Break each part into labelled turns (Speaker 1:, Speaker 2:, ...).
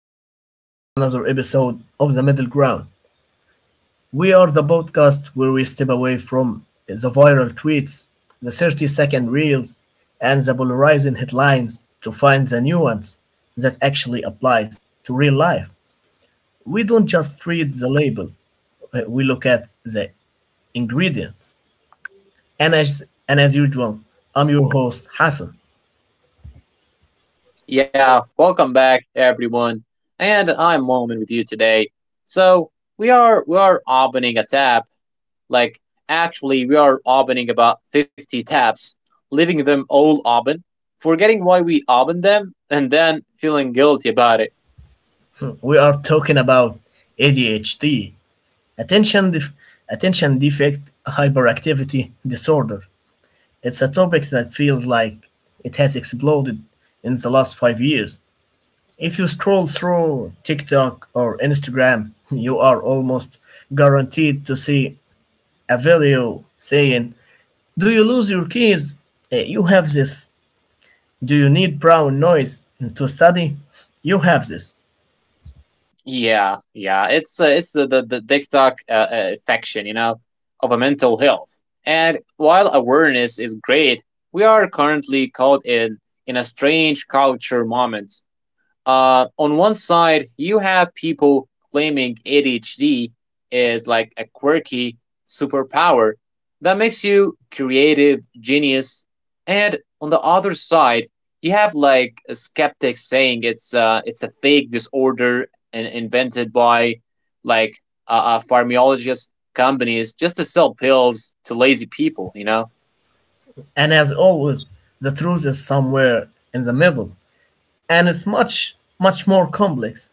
Speaker 1: welcome back to another episode of The Middle Ground. We are the podcast where we step away from the viral tweets, the 30-second reels, and the polarizing headlines to find the nuance that actually applies to real life. We don't just read the label, we look at the ingredients. And as usual, I'm your host, Hassan.
Speaker 2: Yeah, welcome back, everyone. And I'm Moment with you today. So we are opening a tab. Like actually we are opening about 50 tabs, leaving them all open, forgetting why we opened them, and then feeling guilty about it.
Speaker 1: We are talking about ADHD, Attention, def- attention defect hyperactivity disorder. It's a topic that feels like it has exploded in the last 5 years. If you scroll through TikTok or Instagram, you are almost guaranteed to see a video saying, do you lose your keys? You have this. Do you need brown noise to study? You have this.
Speaker 2: Yeah, yeah. It's the TikTok affection, you know, of a mental health. And while awareness is great, we are currently caught in a strange culture moment, on one side, you have people claiming ADHD is like a quirky superpower that makes you creative, genius, and on the other side, you have like a skeptic saying it's a fake disorder and invented by like pharmacologist companies just to sell pills to lazy people, you know.
Speaker 1: And as always, the truth is somewhere in the middle. And it's much, much more complex,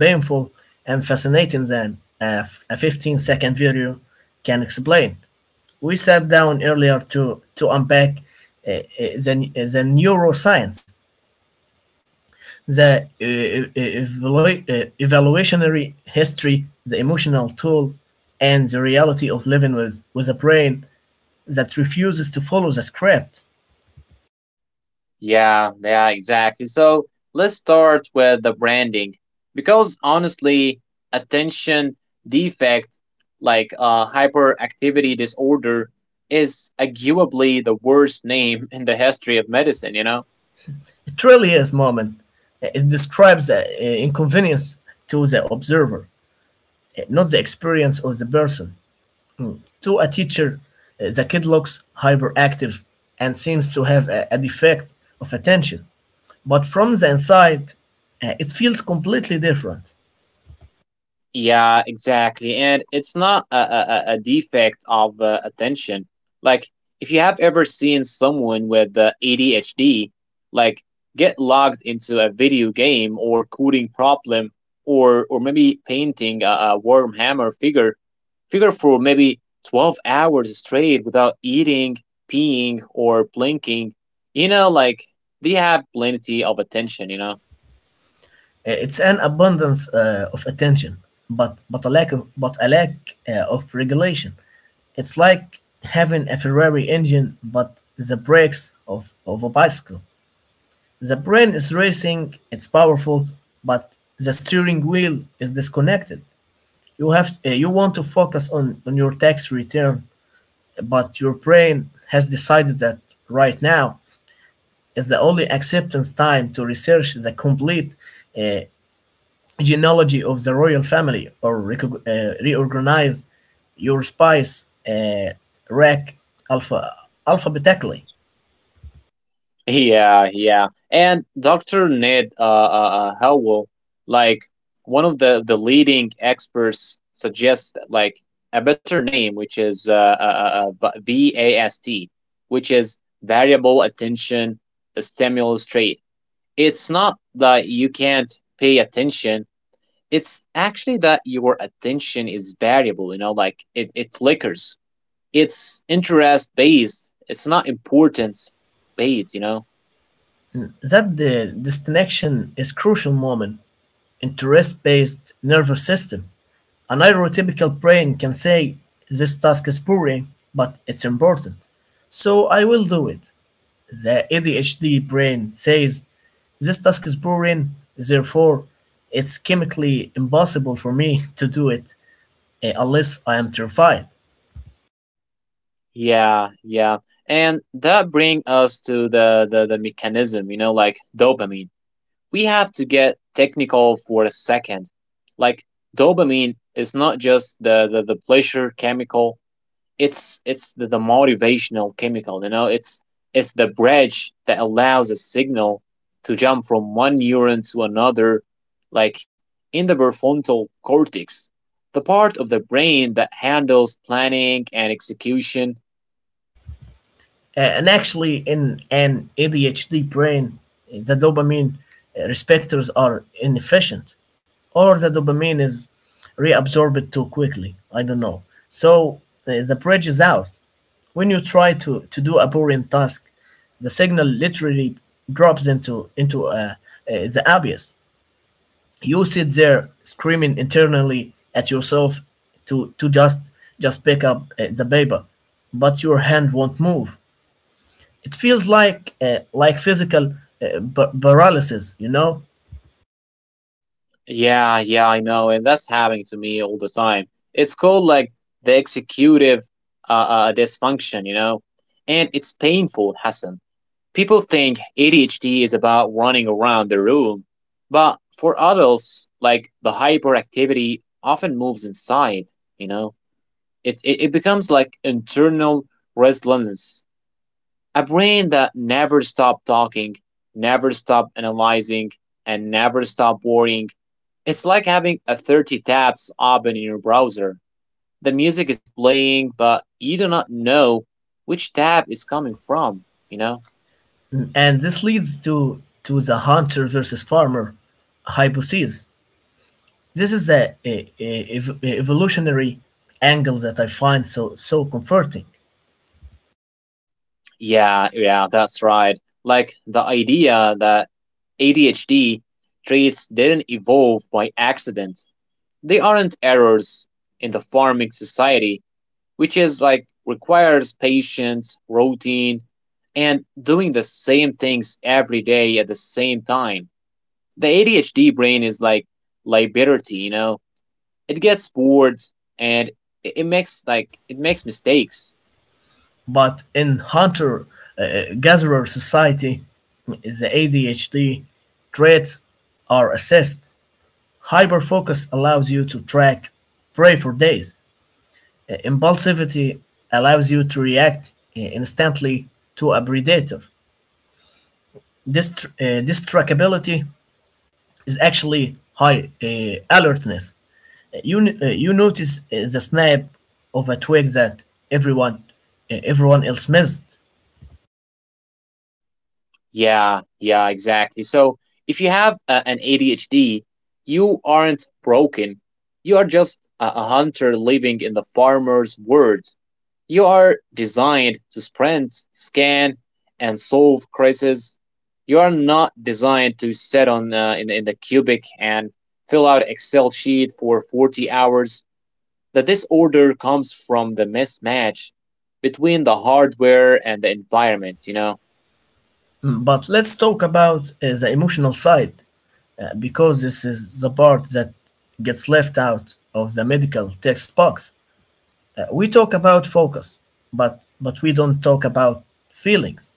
Speaker 1: painful, and fascinating than a 15-second video can explain. We sat down earlier to unpack uh, uh, the neuroscience, the evaluationary history, the emotional tool, and the reality of living with a brain that refuses to follow the script.
Speaker 2: Yeah, yeah, exactly. So let's start with the branding because honestly, attention defect like hyperactivity disorder is arguably the worst name in the history of medicine, you know?
Speaker 1: It really is, Moment. It describes the inconvenience to the observer, not the experience of the person. To a teacher, the kid looks hyperactive and seems to have a defect of attention. But from the inside, it feels completely different.
Speaker 2: Yeah, exactly. And it's not a defect of attention. Like, if you have ever seen someone with ADHD, like, get logged into a video game or coding problem or maybe painting a worm hammer figure for maybe 12 hours straight without eating, peeing, or blinking, you know, like, they have plenty of attention, you know?
Speaker 1: It's an abundance of attention, but a lack of regulation. It's like having a Ferrari engine, but the brakes of, of a bicycle. The brain is racing, it's powerful, but the steering wheel is disconnected. You have you want to focus on your tax return, but your brain has decided that right now is the only acceptance time to research the complete uh, genealogy of the royal family or reorganize your spice rack alpha alphabetically.
Speaker 2: Yeah, yeah. And Dr. Ned Howell, like one of the leading experts, suggests like a better name, which is VAST, which is variable attention stimulus trait. It's not that you can't pay attention. It's actually that your attention is variable, you know, like it flickers. It's interest based. It's not importance based, you know.
Speaker 1: Hmm. That the distinction is crucial, Moment, in interest-based nervous system. An neurotypical brain can say, this task is boring, but it's important, so I will do it. The ADHD brain says, this task is boring, therefore, it's chemically impossible for me to do it, unless I am terrified.
Speaker 2: Yeah, yeah. And that bring us to the mechanism, you know, like dopamine. We have to get technical for a second. Like dopamine is not just the pleasure chemical, the motivational chemical, you know, it's the bridge that allows a signal to jump from one neuron to another, like in the prefrontal cortex, the part of the brain that handles planning and execution.
Speaker 1: And actually, in an ADHD brain, the dopamine receptors are inefficient, or the dopamine is reabsorbed too quickly. I don't know. So the bridge is out. When you try to do a boring task, the signal literally drops into the abyss. You sit there screaming internally at yourself to just pick up the paper, but your hand won't move. It feels like physical paralysis, you know,
Speaker 2: Yeah, yeah, I know, and that's happening to me all the time. It's called like the executive dysfunction, you know, and it's painful, Hassan. People think ADHD is about running around the room, but for adults, like the hyperactivity often moves inside, you know, it becomes like internal restlessness, a brain that never stops talking, never stop analyzing, and never stop worrying. It's like having a 30 tabs open in your browser. The music is playing, but you do not know which tab is coming from, you know?
Speaker 1: and this leads to the hunter versus farmer hypothesis. This is the evolutionary angle that I find so comforting.
Speaker 2: Yeah, yeah, that's right. Like the idea that ADHD traits didn't evolve by accident. They aren't errors in the farming society, which is like requires patience, routine, and doing the same things every day at the same time. The ADHD brain is like liberty, you know. It gets bored and it makes like it makes mistakes.
Speaker 1: But in hunter gatherer society, the ADHD traits are assessed. Hyperfocus allows you to track prey for days. Impulsivity allows you to react instantly to a predator. This trackability is actually high alertness. You notice the snap of a twig that everyone, everyone else missed.
Speaker 2: Yeah, yeah, exactly. So if you have an ADHD, you aren't broken. You are just a hunter living in the farmer's world. You are designed to sprint, scan, and solve crises. You are not designed to sit on in the cubic and fill out Excel sheet for 40 hours. The disorder comes from the mismatch between the hardware and the environment, you know?
Speaker 1: Mm. But let's talk about the emotional side because this is the part that gets left out of the medical text box. We talk about focus, but we don't talk about feelings.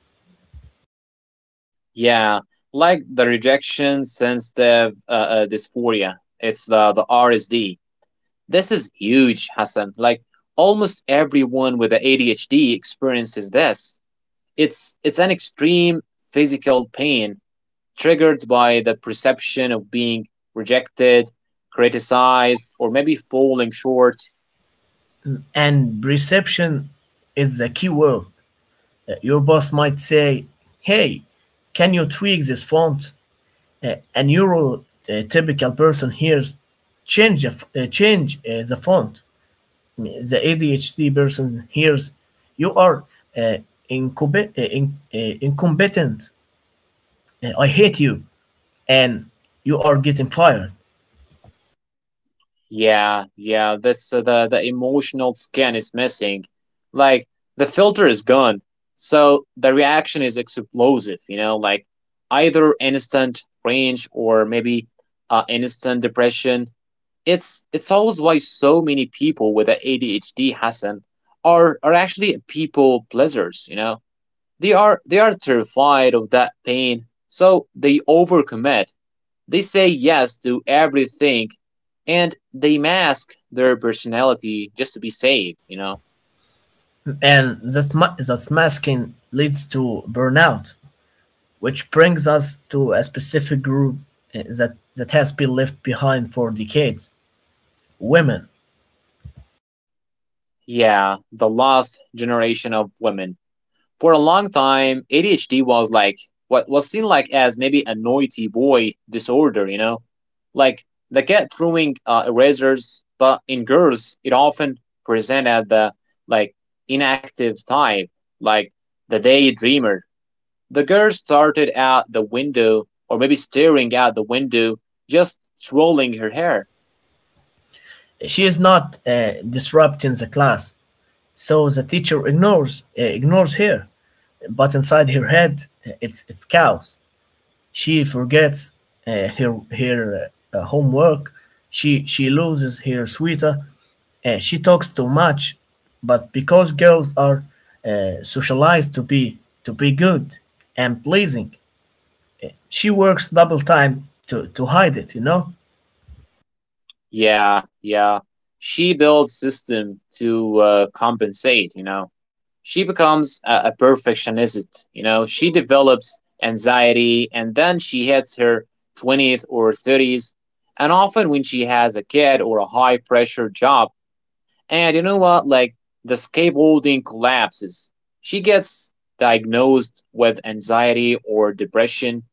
Speaker 2: Yeah, like the rejection sensitive dysphoria. It's the RSD. This is huge, Hassan. Like almost everyone with the ADHD experiences this. It's an extreme physical pain triggered by the perception of being rejected, criticized, or maybe falling short.
Speaker 1: And perception is the key word. Your boss might say, hey, can you tweak this font? A neurotypical person hears, Change, the f- change the font. The ADHD person hears, you are uh, incompetent. I hate you. And you are getting fired.
Speaker 2: Yeah, yeah, that's the emotional skin is missing. Like the filter is gone. So the reaction is explosive, you know, like either instant range or maybe instant depression. It's always why so many people with the ADHD, Hassan, are actually people pleasers, you know. They are terrified of that pain, so they overcommit, they say yes to everything, and they mask their personality just to be safe, you know?
Speaker 1: And that's masking leads to burnout. Which brings us to a specific group that has been left behind for decades: women.
Speaker 2: Yeah, the lost generation of women. For a long time, ADHD was like what was seen like as maybe a noisy boy disorder, you know? Like they cat throwing erasers, but in girls, it often present as the like inactive type, like the daydreamer. The girl started out the window, or maybe staring out the window, just twirling her hair.
Speaker 1: She is not disrupting the class, so the teacher ignores her. But inside her head, it's chaos. She forgets her homework, she loses her sweater, she talks too much. But because girls are socialized to be good and pleasing, she works double time to hide it, you know?
Speaker 2: Yeah, yeah. She builds system to compensate, you know. She becomes a perfectionist, you know. She develops anxiety and then she hits her 20th or 30s. And often when she has a kid or a high pressure job, and you know what? Like the scaffolding collapses. She gets diagnosed with anxiety or depression,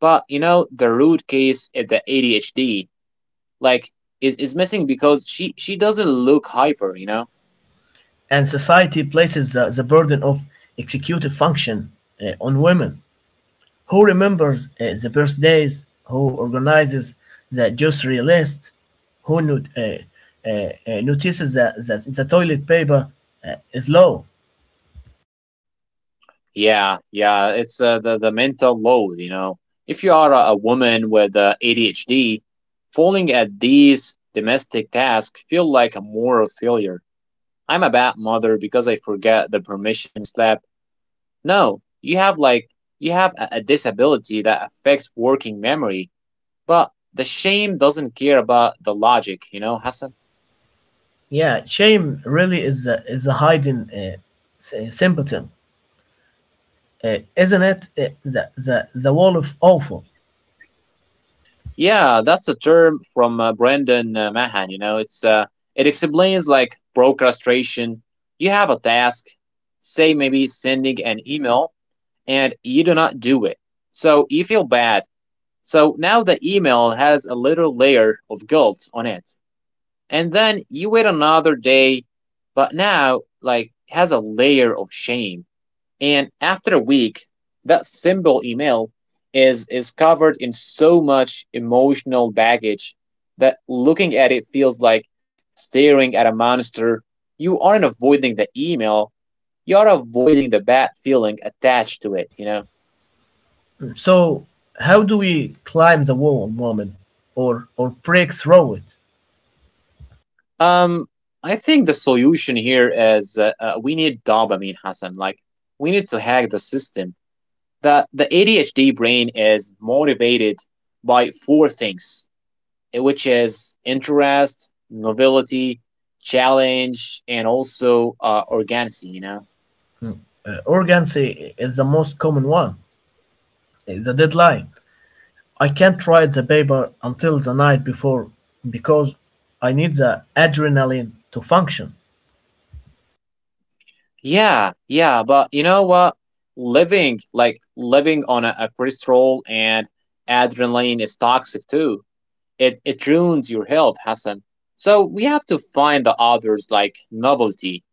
Speaker 2: but you know the root case is the ADHD. Like is missing because she doesn't look hyper, you know.
Speaker 1: And society places the burden of executive function on women. Who remembers the birthdays? Who organizes the grocery list? Who not, uh, notices that the toilet paper is low?
Speaker 2: Yeah, yeah, it's the mental load, you know. If you are a woman with ADHD, falling at these domestic tasks feel like a moral failure. I'm a bad mother because I forget the permission slap. No, you have like you have a disability that affects working memory, but the shame doesn't care about the logic, you know, Hassan.
Speaker 1: Yeah, shame really is is a hiding symptom, isn't it? The wall of awful.
Speaker 2: Yeah, that's a term from Brandon Mahan. You know, it's it explains like procrastination. You have a task, say maybe sending an email, and you do not do it. So you feel bad. So now the email has a little layer of guilt on it, and then you wait another day, but now like has a layer of shame. And after a week, that simple email is covered in so much emotional baggage that looking at it feels like staring at a monster. You aren't avoiding the email, you're avoiding the bad feeling attached to it, you know.
Speaker 1: So, how do we climb the wall, Mohammed, or break through it?
Speaker 2: Um I think the solution here is we need dopamine, Hassan. Like we need to hack the system. The ADHD brain is motivated by four things, which has interest, novelty, challenge, and also organicity, you know?
Speaker 1: Urgency is the most common one. The deadline. I can't write the paper until the night before because I need the adrenaline to function.
Speaker 2: Yeah, yeah, but you know what? Living, like living on a cholesterol and adrenaline is toxic too. It ruins your health, Hassan. So we have to find the others like novelty.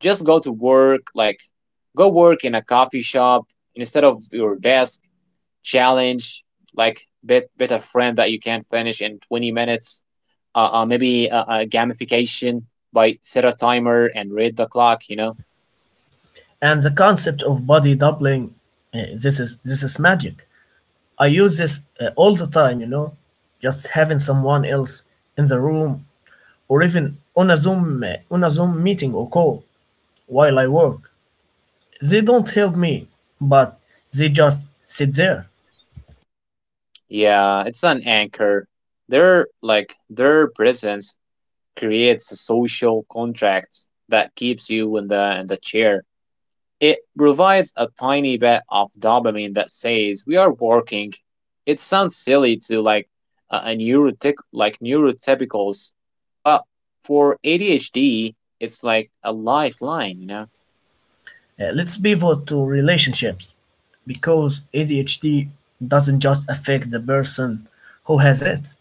Speaker 2: Just go to work, like go work in a coffee shop instead of your desk challenge, like bit a friend that you can finish in 20 minutes. Maybe a gamification by set a timer and read the clock, you know.
Speaker 1: And the concept of body doubling, this is magic. I use this all the time, you know, just having someone else in the room or even on a Zoom meeting or call while I work. They don't help me, but they just sit there.
Speaker 2: Yeah, it's an anchor. Their presence creates a social contract that keeps you in the chair. It provides a tiny bit of dopamine that says we are working. It sounds silly to like a neurotic like neurotypicals, but for ADHD, it's like a lifeline, you know?
Speaker 1: Let's pivot to relationships because ADHD doesn't just affect the person who has it,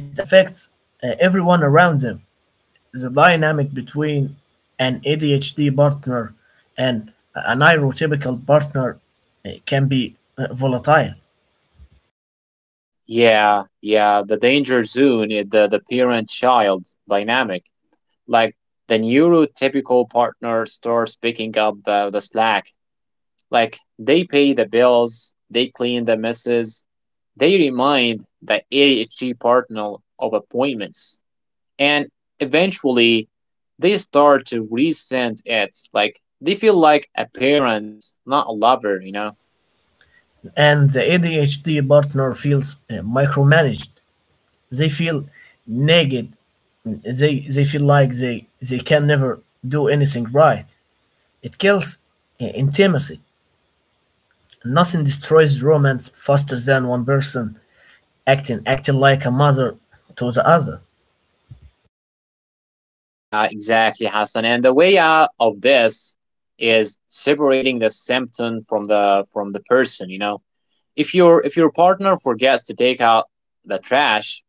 Speaker 1: it affects everyone around them. The dynamic between an ADHD partner and an neurotypical partner can be volatile,
Speaker 2: Yeah, yeah, the danger zone is the parent child dynamic. Like the neurotypical partner starts picking up the slack. Like they pay the bills, they clean the messes, they remind the ADHD partner of appointments, and eventually they start to resent it. Like they feel like a parent, not a lover, you know?
Speaker 1: and the ADHD partner feels micromanaged. They feel nagged. They feel like they can never do anything right. It kills intimacy. Nothing destroys romance faster than one person acting like a mother to the other.
Speaker 2: Yeah, exactly, Hassan. And the way out of this is separating the symptom from the person, you know? If your partner forgets to take out the trash,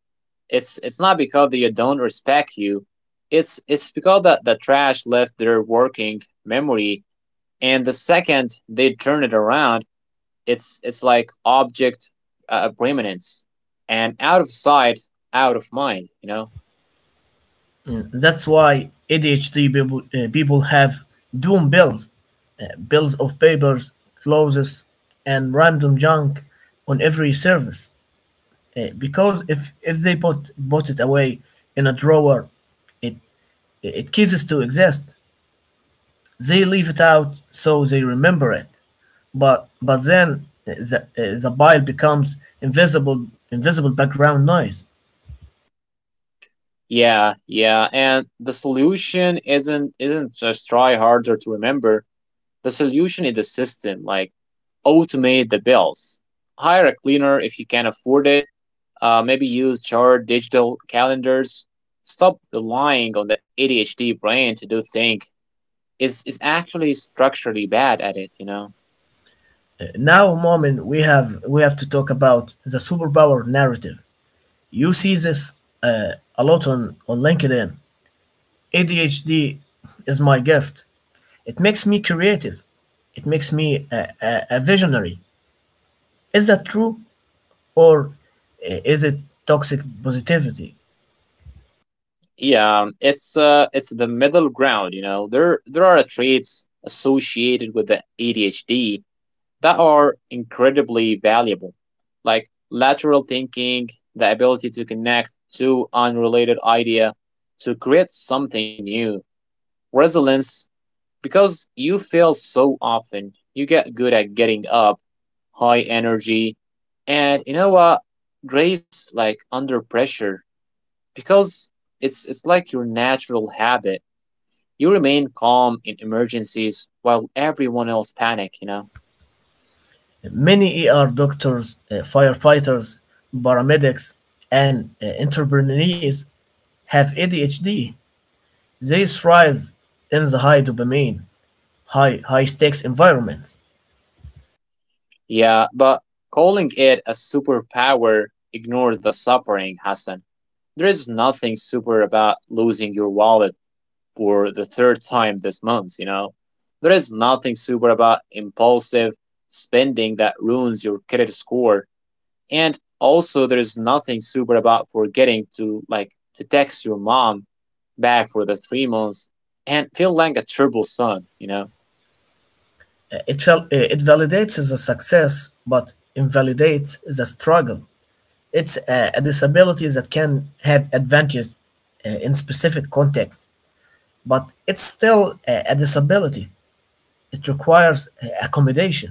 Speaker 2: it's not because they don't respect you. It's because the trash left their working memory, and the second they turn it around, it's like object permanence, and out of sight, out of mind, you know.
Speaker 1: Mm, that's why ADHD people have doom bills, bills of papers, clothes, and random junk on every service. Because if they put put it away in a drawer, it ceases to exist. They leave it out so they remember it. But then the bile becomes invisible background noise.
Speaker 2: Yeah, yeah, and the solution isn't just try harder to remember. The solution is the system, like automate the bills, hire a cleaner if you can afford it. Maybe use chart, digital calendars. Stop relying on the ADHD brain to do things. It's actually structurally bad at it, you know.
Speaker 1: Now, Momin, we have to talk about the superpower narrative. You see this uh, a lot on LinkedIn. ADHD is my gift. It makes me creative. It makes me a visionary. Is that true or is it toxic positivity?
Speaker 2: Yeah, it's the middle ground, you know. There are traits associated with the ADHD that are incredibly valuable, like lateral thinking, the ability to connect two unrelated idea to create something new, resilience, because you fail so often, you get good at getting up, high energy, and you know what? Grace like under pressure. Because it's like your natural habit. You remain calm in emergencies while everyone else panic, you know?
Speaker 1: Many ER doctors, firefighters, paramedics, and entrepreneurs have ADHD. They thrive in the high dopamine, high stakes environments.
Speaker 2: Yeah, but calling it a superpower ignores the suffering, Hassan. There is nothing super about losing your wallet for the third time this month, you know. There is nothing super about impulsive spending that ruins your credit score. And also there is nothing super about forgetting to like to text your mom back for the 3 months and feel like a turbo son, you know?
Speaker 1: It validates the success, but invalidates the struggle. It's a disability that can have advantages in specific contexts, but it's still a disability. It requires accommodation.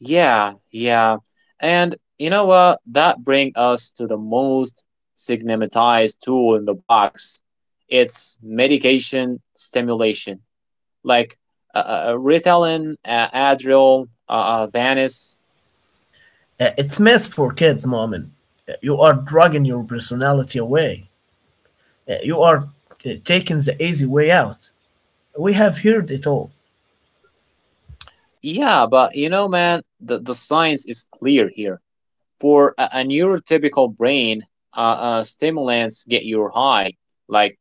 Speaker 2: Yeah, yeah. And you know what? That brings us to the most stigmatized tool in the box. It's medication stimulation. Like Ritalin, Adderall, Vanice.
Speaker 1: It's mess for kids, Mu'min. You are dragging your personality away. You are taking the easy way out. We have heard it all.
Speaker 2: Yeah, but you know, man, the science is clear here. For a neurotypical brain, uh, stimulants get your high, like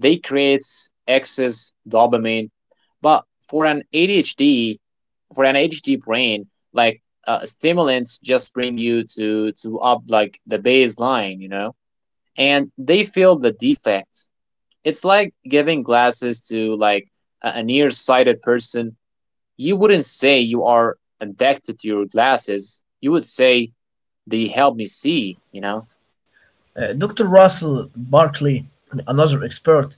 Speaker 2: they creates excess dopamine. But for an ADHD, for an ADHD brain, stimulants just bring you to up like the baseline, you know, and they fill the defect. It's like giving glasses to like a nearsighted person. You wouldn't say you are addicted to your glasses. You would say they help me see, you know?
Speaker 1: Dr. Russell Barkley, another expert,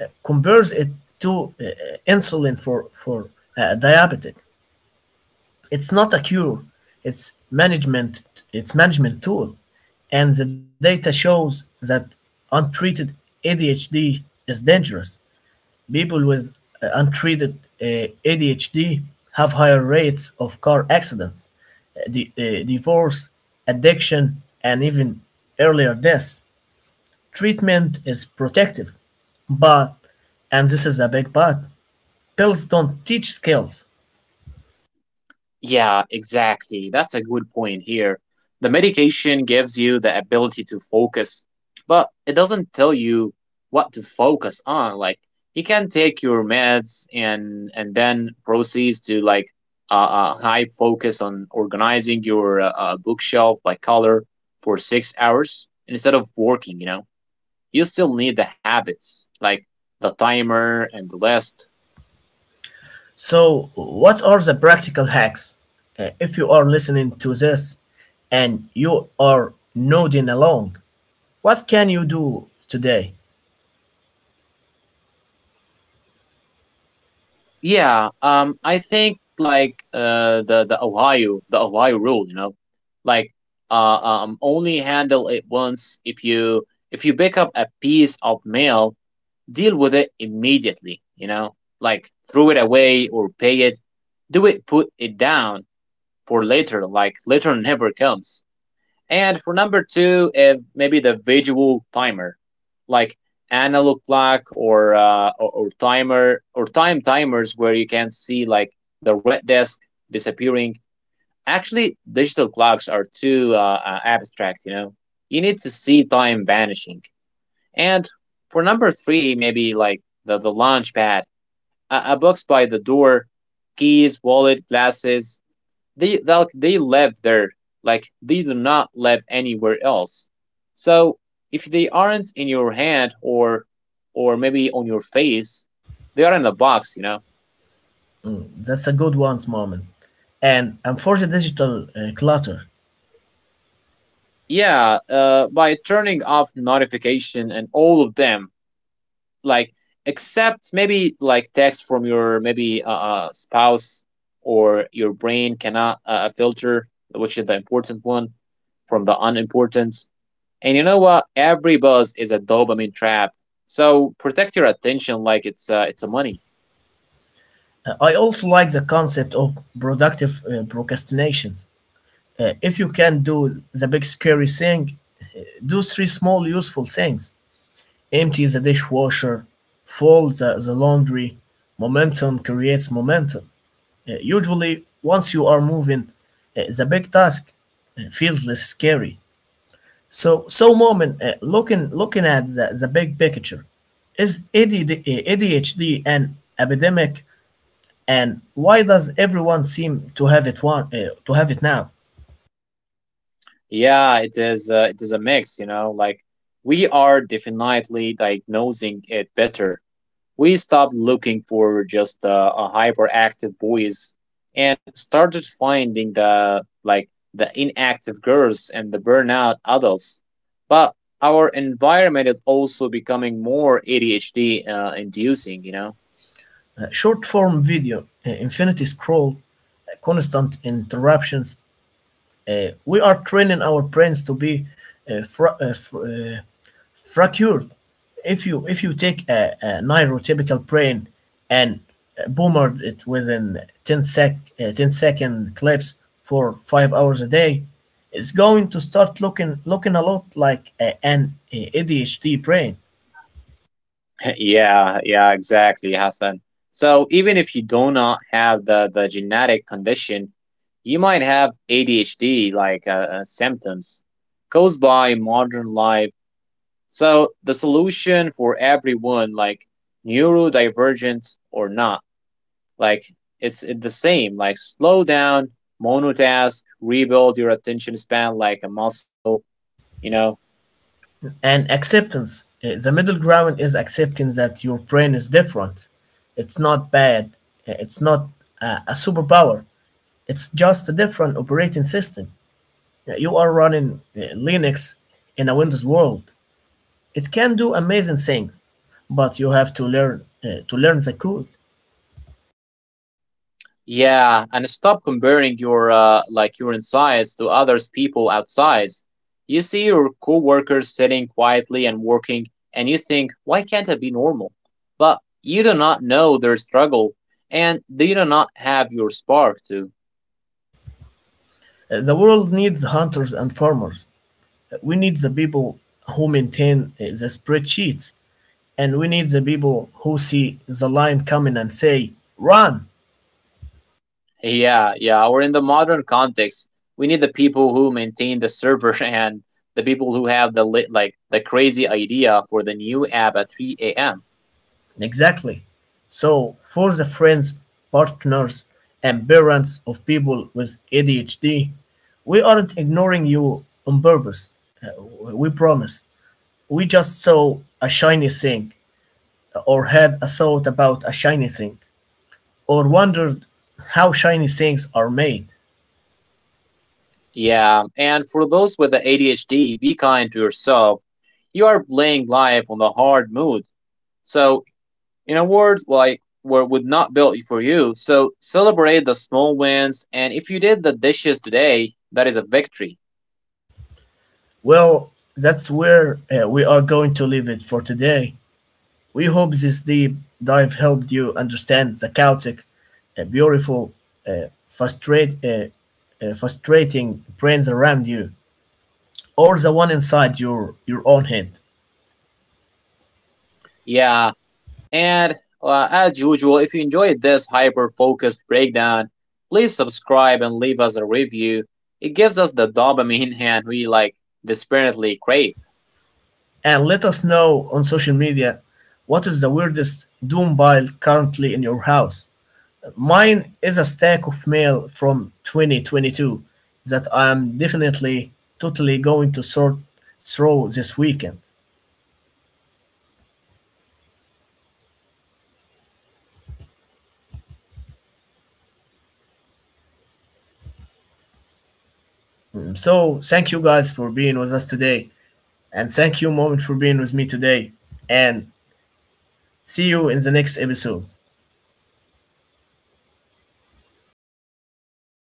Speaker 1: compares it to uh, insulin for a diabetic. It's not a cure, it's management, it's management tool. And the data shows that untreated ADHD is dangerous. People with untreated ADHD have higher rates of car accidents, divorce, addiction, and even earlier death. Treatment is protective, but, and this is a big but, pills don't teach skills.
Speaker 2: Yeah, exactly. That's a good point here. The medication gives you the ability to focus, but it doesn't tell you what to focus on. Like you can take your meds and then proceeds to like a high focus on organizing your bookshelf by color for 6 hours instead of working. You know, you still need the habits like the timer and the list.
Speaker 1: So, what are the practical hacks? If you are listening to this and you are nodding along, what can you do today?
Speaker 2: Yeah, I think like the Ohio rule, you know, like only handle it once. If you pick up a piece of mail, deal with it immediately, you know, like throw it away or pay it. Do it, put it down for later, like later never comes. And for number two, if maybe the visual timer, like analog clock or timer or timers, where you can see like the red desk disappearing. Actually, digital clocks are too abstract. You know, you need to see time vanishing. And for number three, maybe like the launch pad, a box by the door, keys, wallet, glasses, they they live there, like they do not live anywhere else, so if they aren't in your hand or maybe on your face, they are in the box, you know.
Speaker 1: Mm. That's a good one, Moment. And for the digital clutter,
Speaker 2: Yeah, by turning off notification and all of them, like except maybe like text from your maybe spouse, or your brain cannot filter which is the important one from the unimportant. And you know what? Every buzz is a dopamine trap. So protect your attention like it's a money.
Speaker 1: I also like the concept of productive procrastinations. If you can do the big scary thing, do three small useful things. Empty the dishwasher, fold the laundry. Momentum creates momentum. Usually, once you are moving, the big task feels less scary. So, Moment, looking at the big picture, is ADD, ADHD an epidemic, and why does everyone seem to have it now?
Speaker 2: Yeah, it is. It is a mix. You know, like we are definitely diagnosing it better. We stopped looking for just a hyperactive boys and started finding the inactive girls and the burnout adults. But our environment is also becoming more ADHD inducing. You know.
Speaker 1: Short form video, infinity scroll, constant interruptions. We are training our brains to be uh, fra- uh, fr- uh, fractured. If you take a neurotypical brain and boomered it within 10-second clips for 5 hours a day, it's going to start looking a lot like an ADHD brain.
Speaker 2: Yeah, yeah, exactly, Hassan. So even if you do not have the genetic condition, you might have ADHD like symptoms caused by modern life. So the solution for everyone, like neurodivergent or not, like it's the same. Like slow down, monotask, rebuild your attention span like a muscle. You know.
Speaker 1: And acceptance, the middle ground is accepting that your brain is different. It's not bad. It's not a superpower. It's just a different operating system. Yeah, you are running Linux in a Windows world. It can do amazing things, but you have to learn the code.
Speaker 2: Yeah, and stop comparing your your insides to others people outside. You see your coworkers sitting quietly and working, and you think, why can't I be normal? But you do not know their struggle, and they do not have your spark too.
Speaker 1: The world needs hunters and farmers. We need the people who maintain the spreadsheets, and we need the people who see the line coming and say, "Run!"
Speaker 2: Yeah, yeah. Or in the modern context, we need the people who maintain the server and the people who have the lit like the crazy idea for the new app at 3 a.m.
Speaker 1: Exactly. So, for the friends, partners, and parents of people with ADHD, we aren't ignoring you on purpose. Uh, we promise. We just saw a shiny thing, or had a thought about a shiny thing, or wondered how shiny things are made.
Speaker 2: Yeah, and for those with the ADHD, be kind to yourself. You are playing life on the hard mode. So, in a world like where would not built for you, so celebrate the small wins. And if you did the dishes today, that is a victory.
Speaker 1: Well, that's where we are going to leave it for today. We hope this deep dive helped you understand the chaotic, beautiful, uh, frustrate, uh, frustrating brains around you, or the one inside your own head.
Speaker 2: Yeah, and as usual, if you enjoyed this hyper focused breakdown, please subscribe and leave us a review. It gives us the dopamine hand we desperately crave.
Speaker 1: And let us know on social media what is the weirdest Doom pile currently in your house. Mine is a stack of mail from 2022 that I am definitely totally going to sort through this weekend.
Speaker 2: Yeah, sure you are, Hassan. So, sure you are. Mine is a bag of a clothes to donate that has been in my trunk for maybe 6 months. It lived there now.
Speaker 1: So, thank you
Speaker 2: It.
Speaker 1: guys for being with us today. And thank you, Moment, for being with me today. And see you in the next episode.
Speaker 2: See you guys.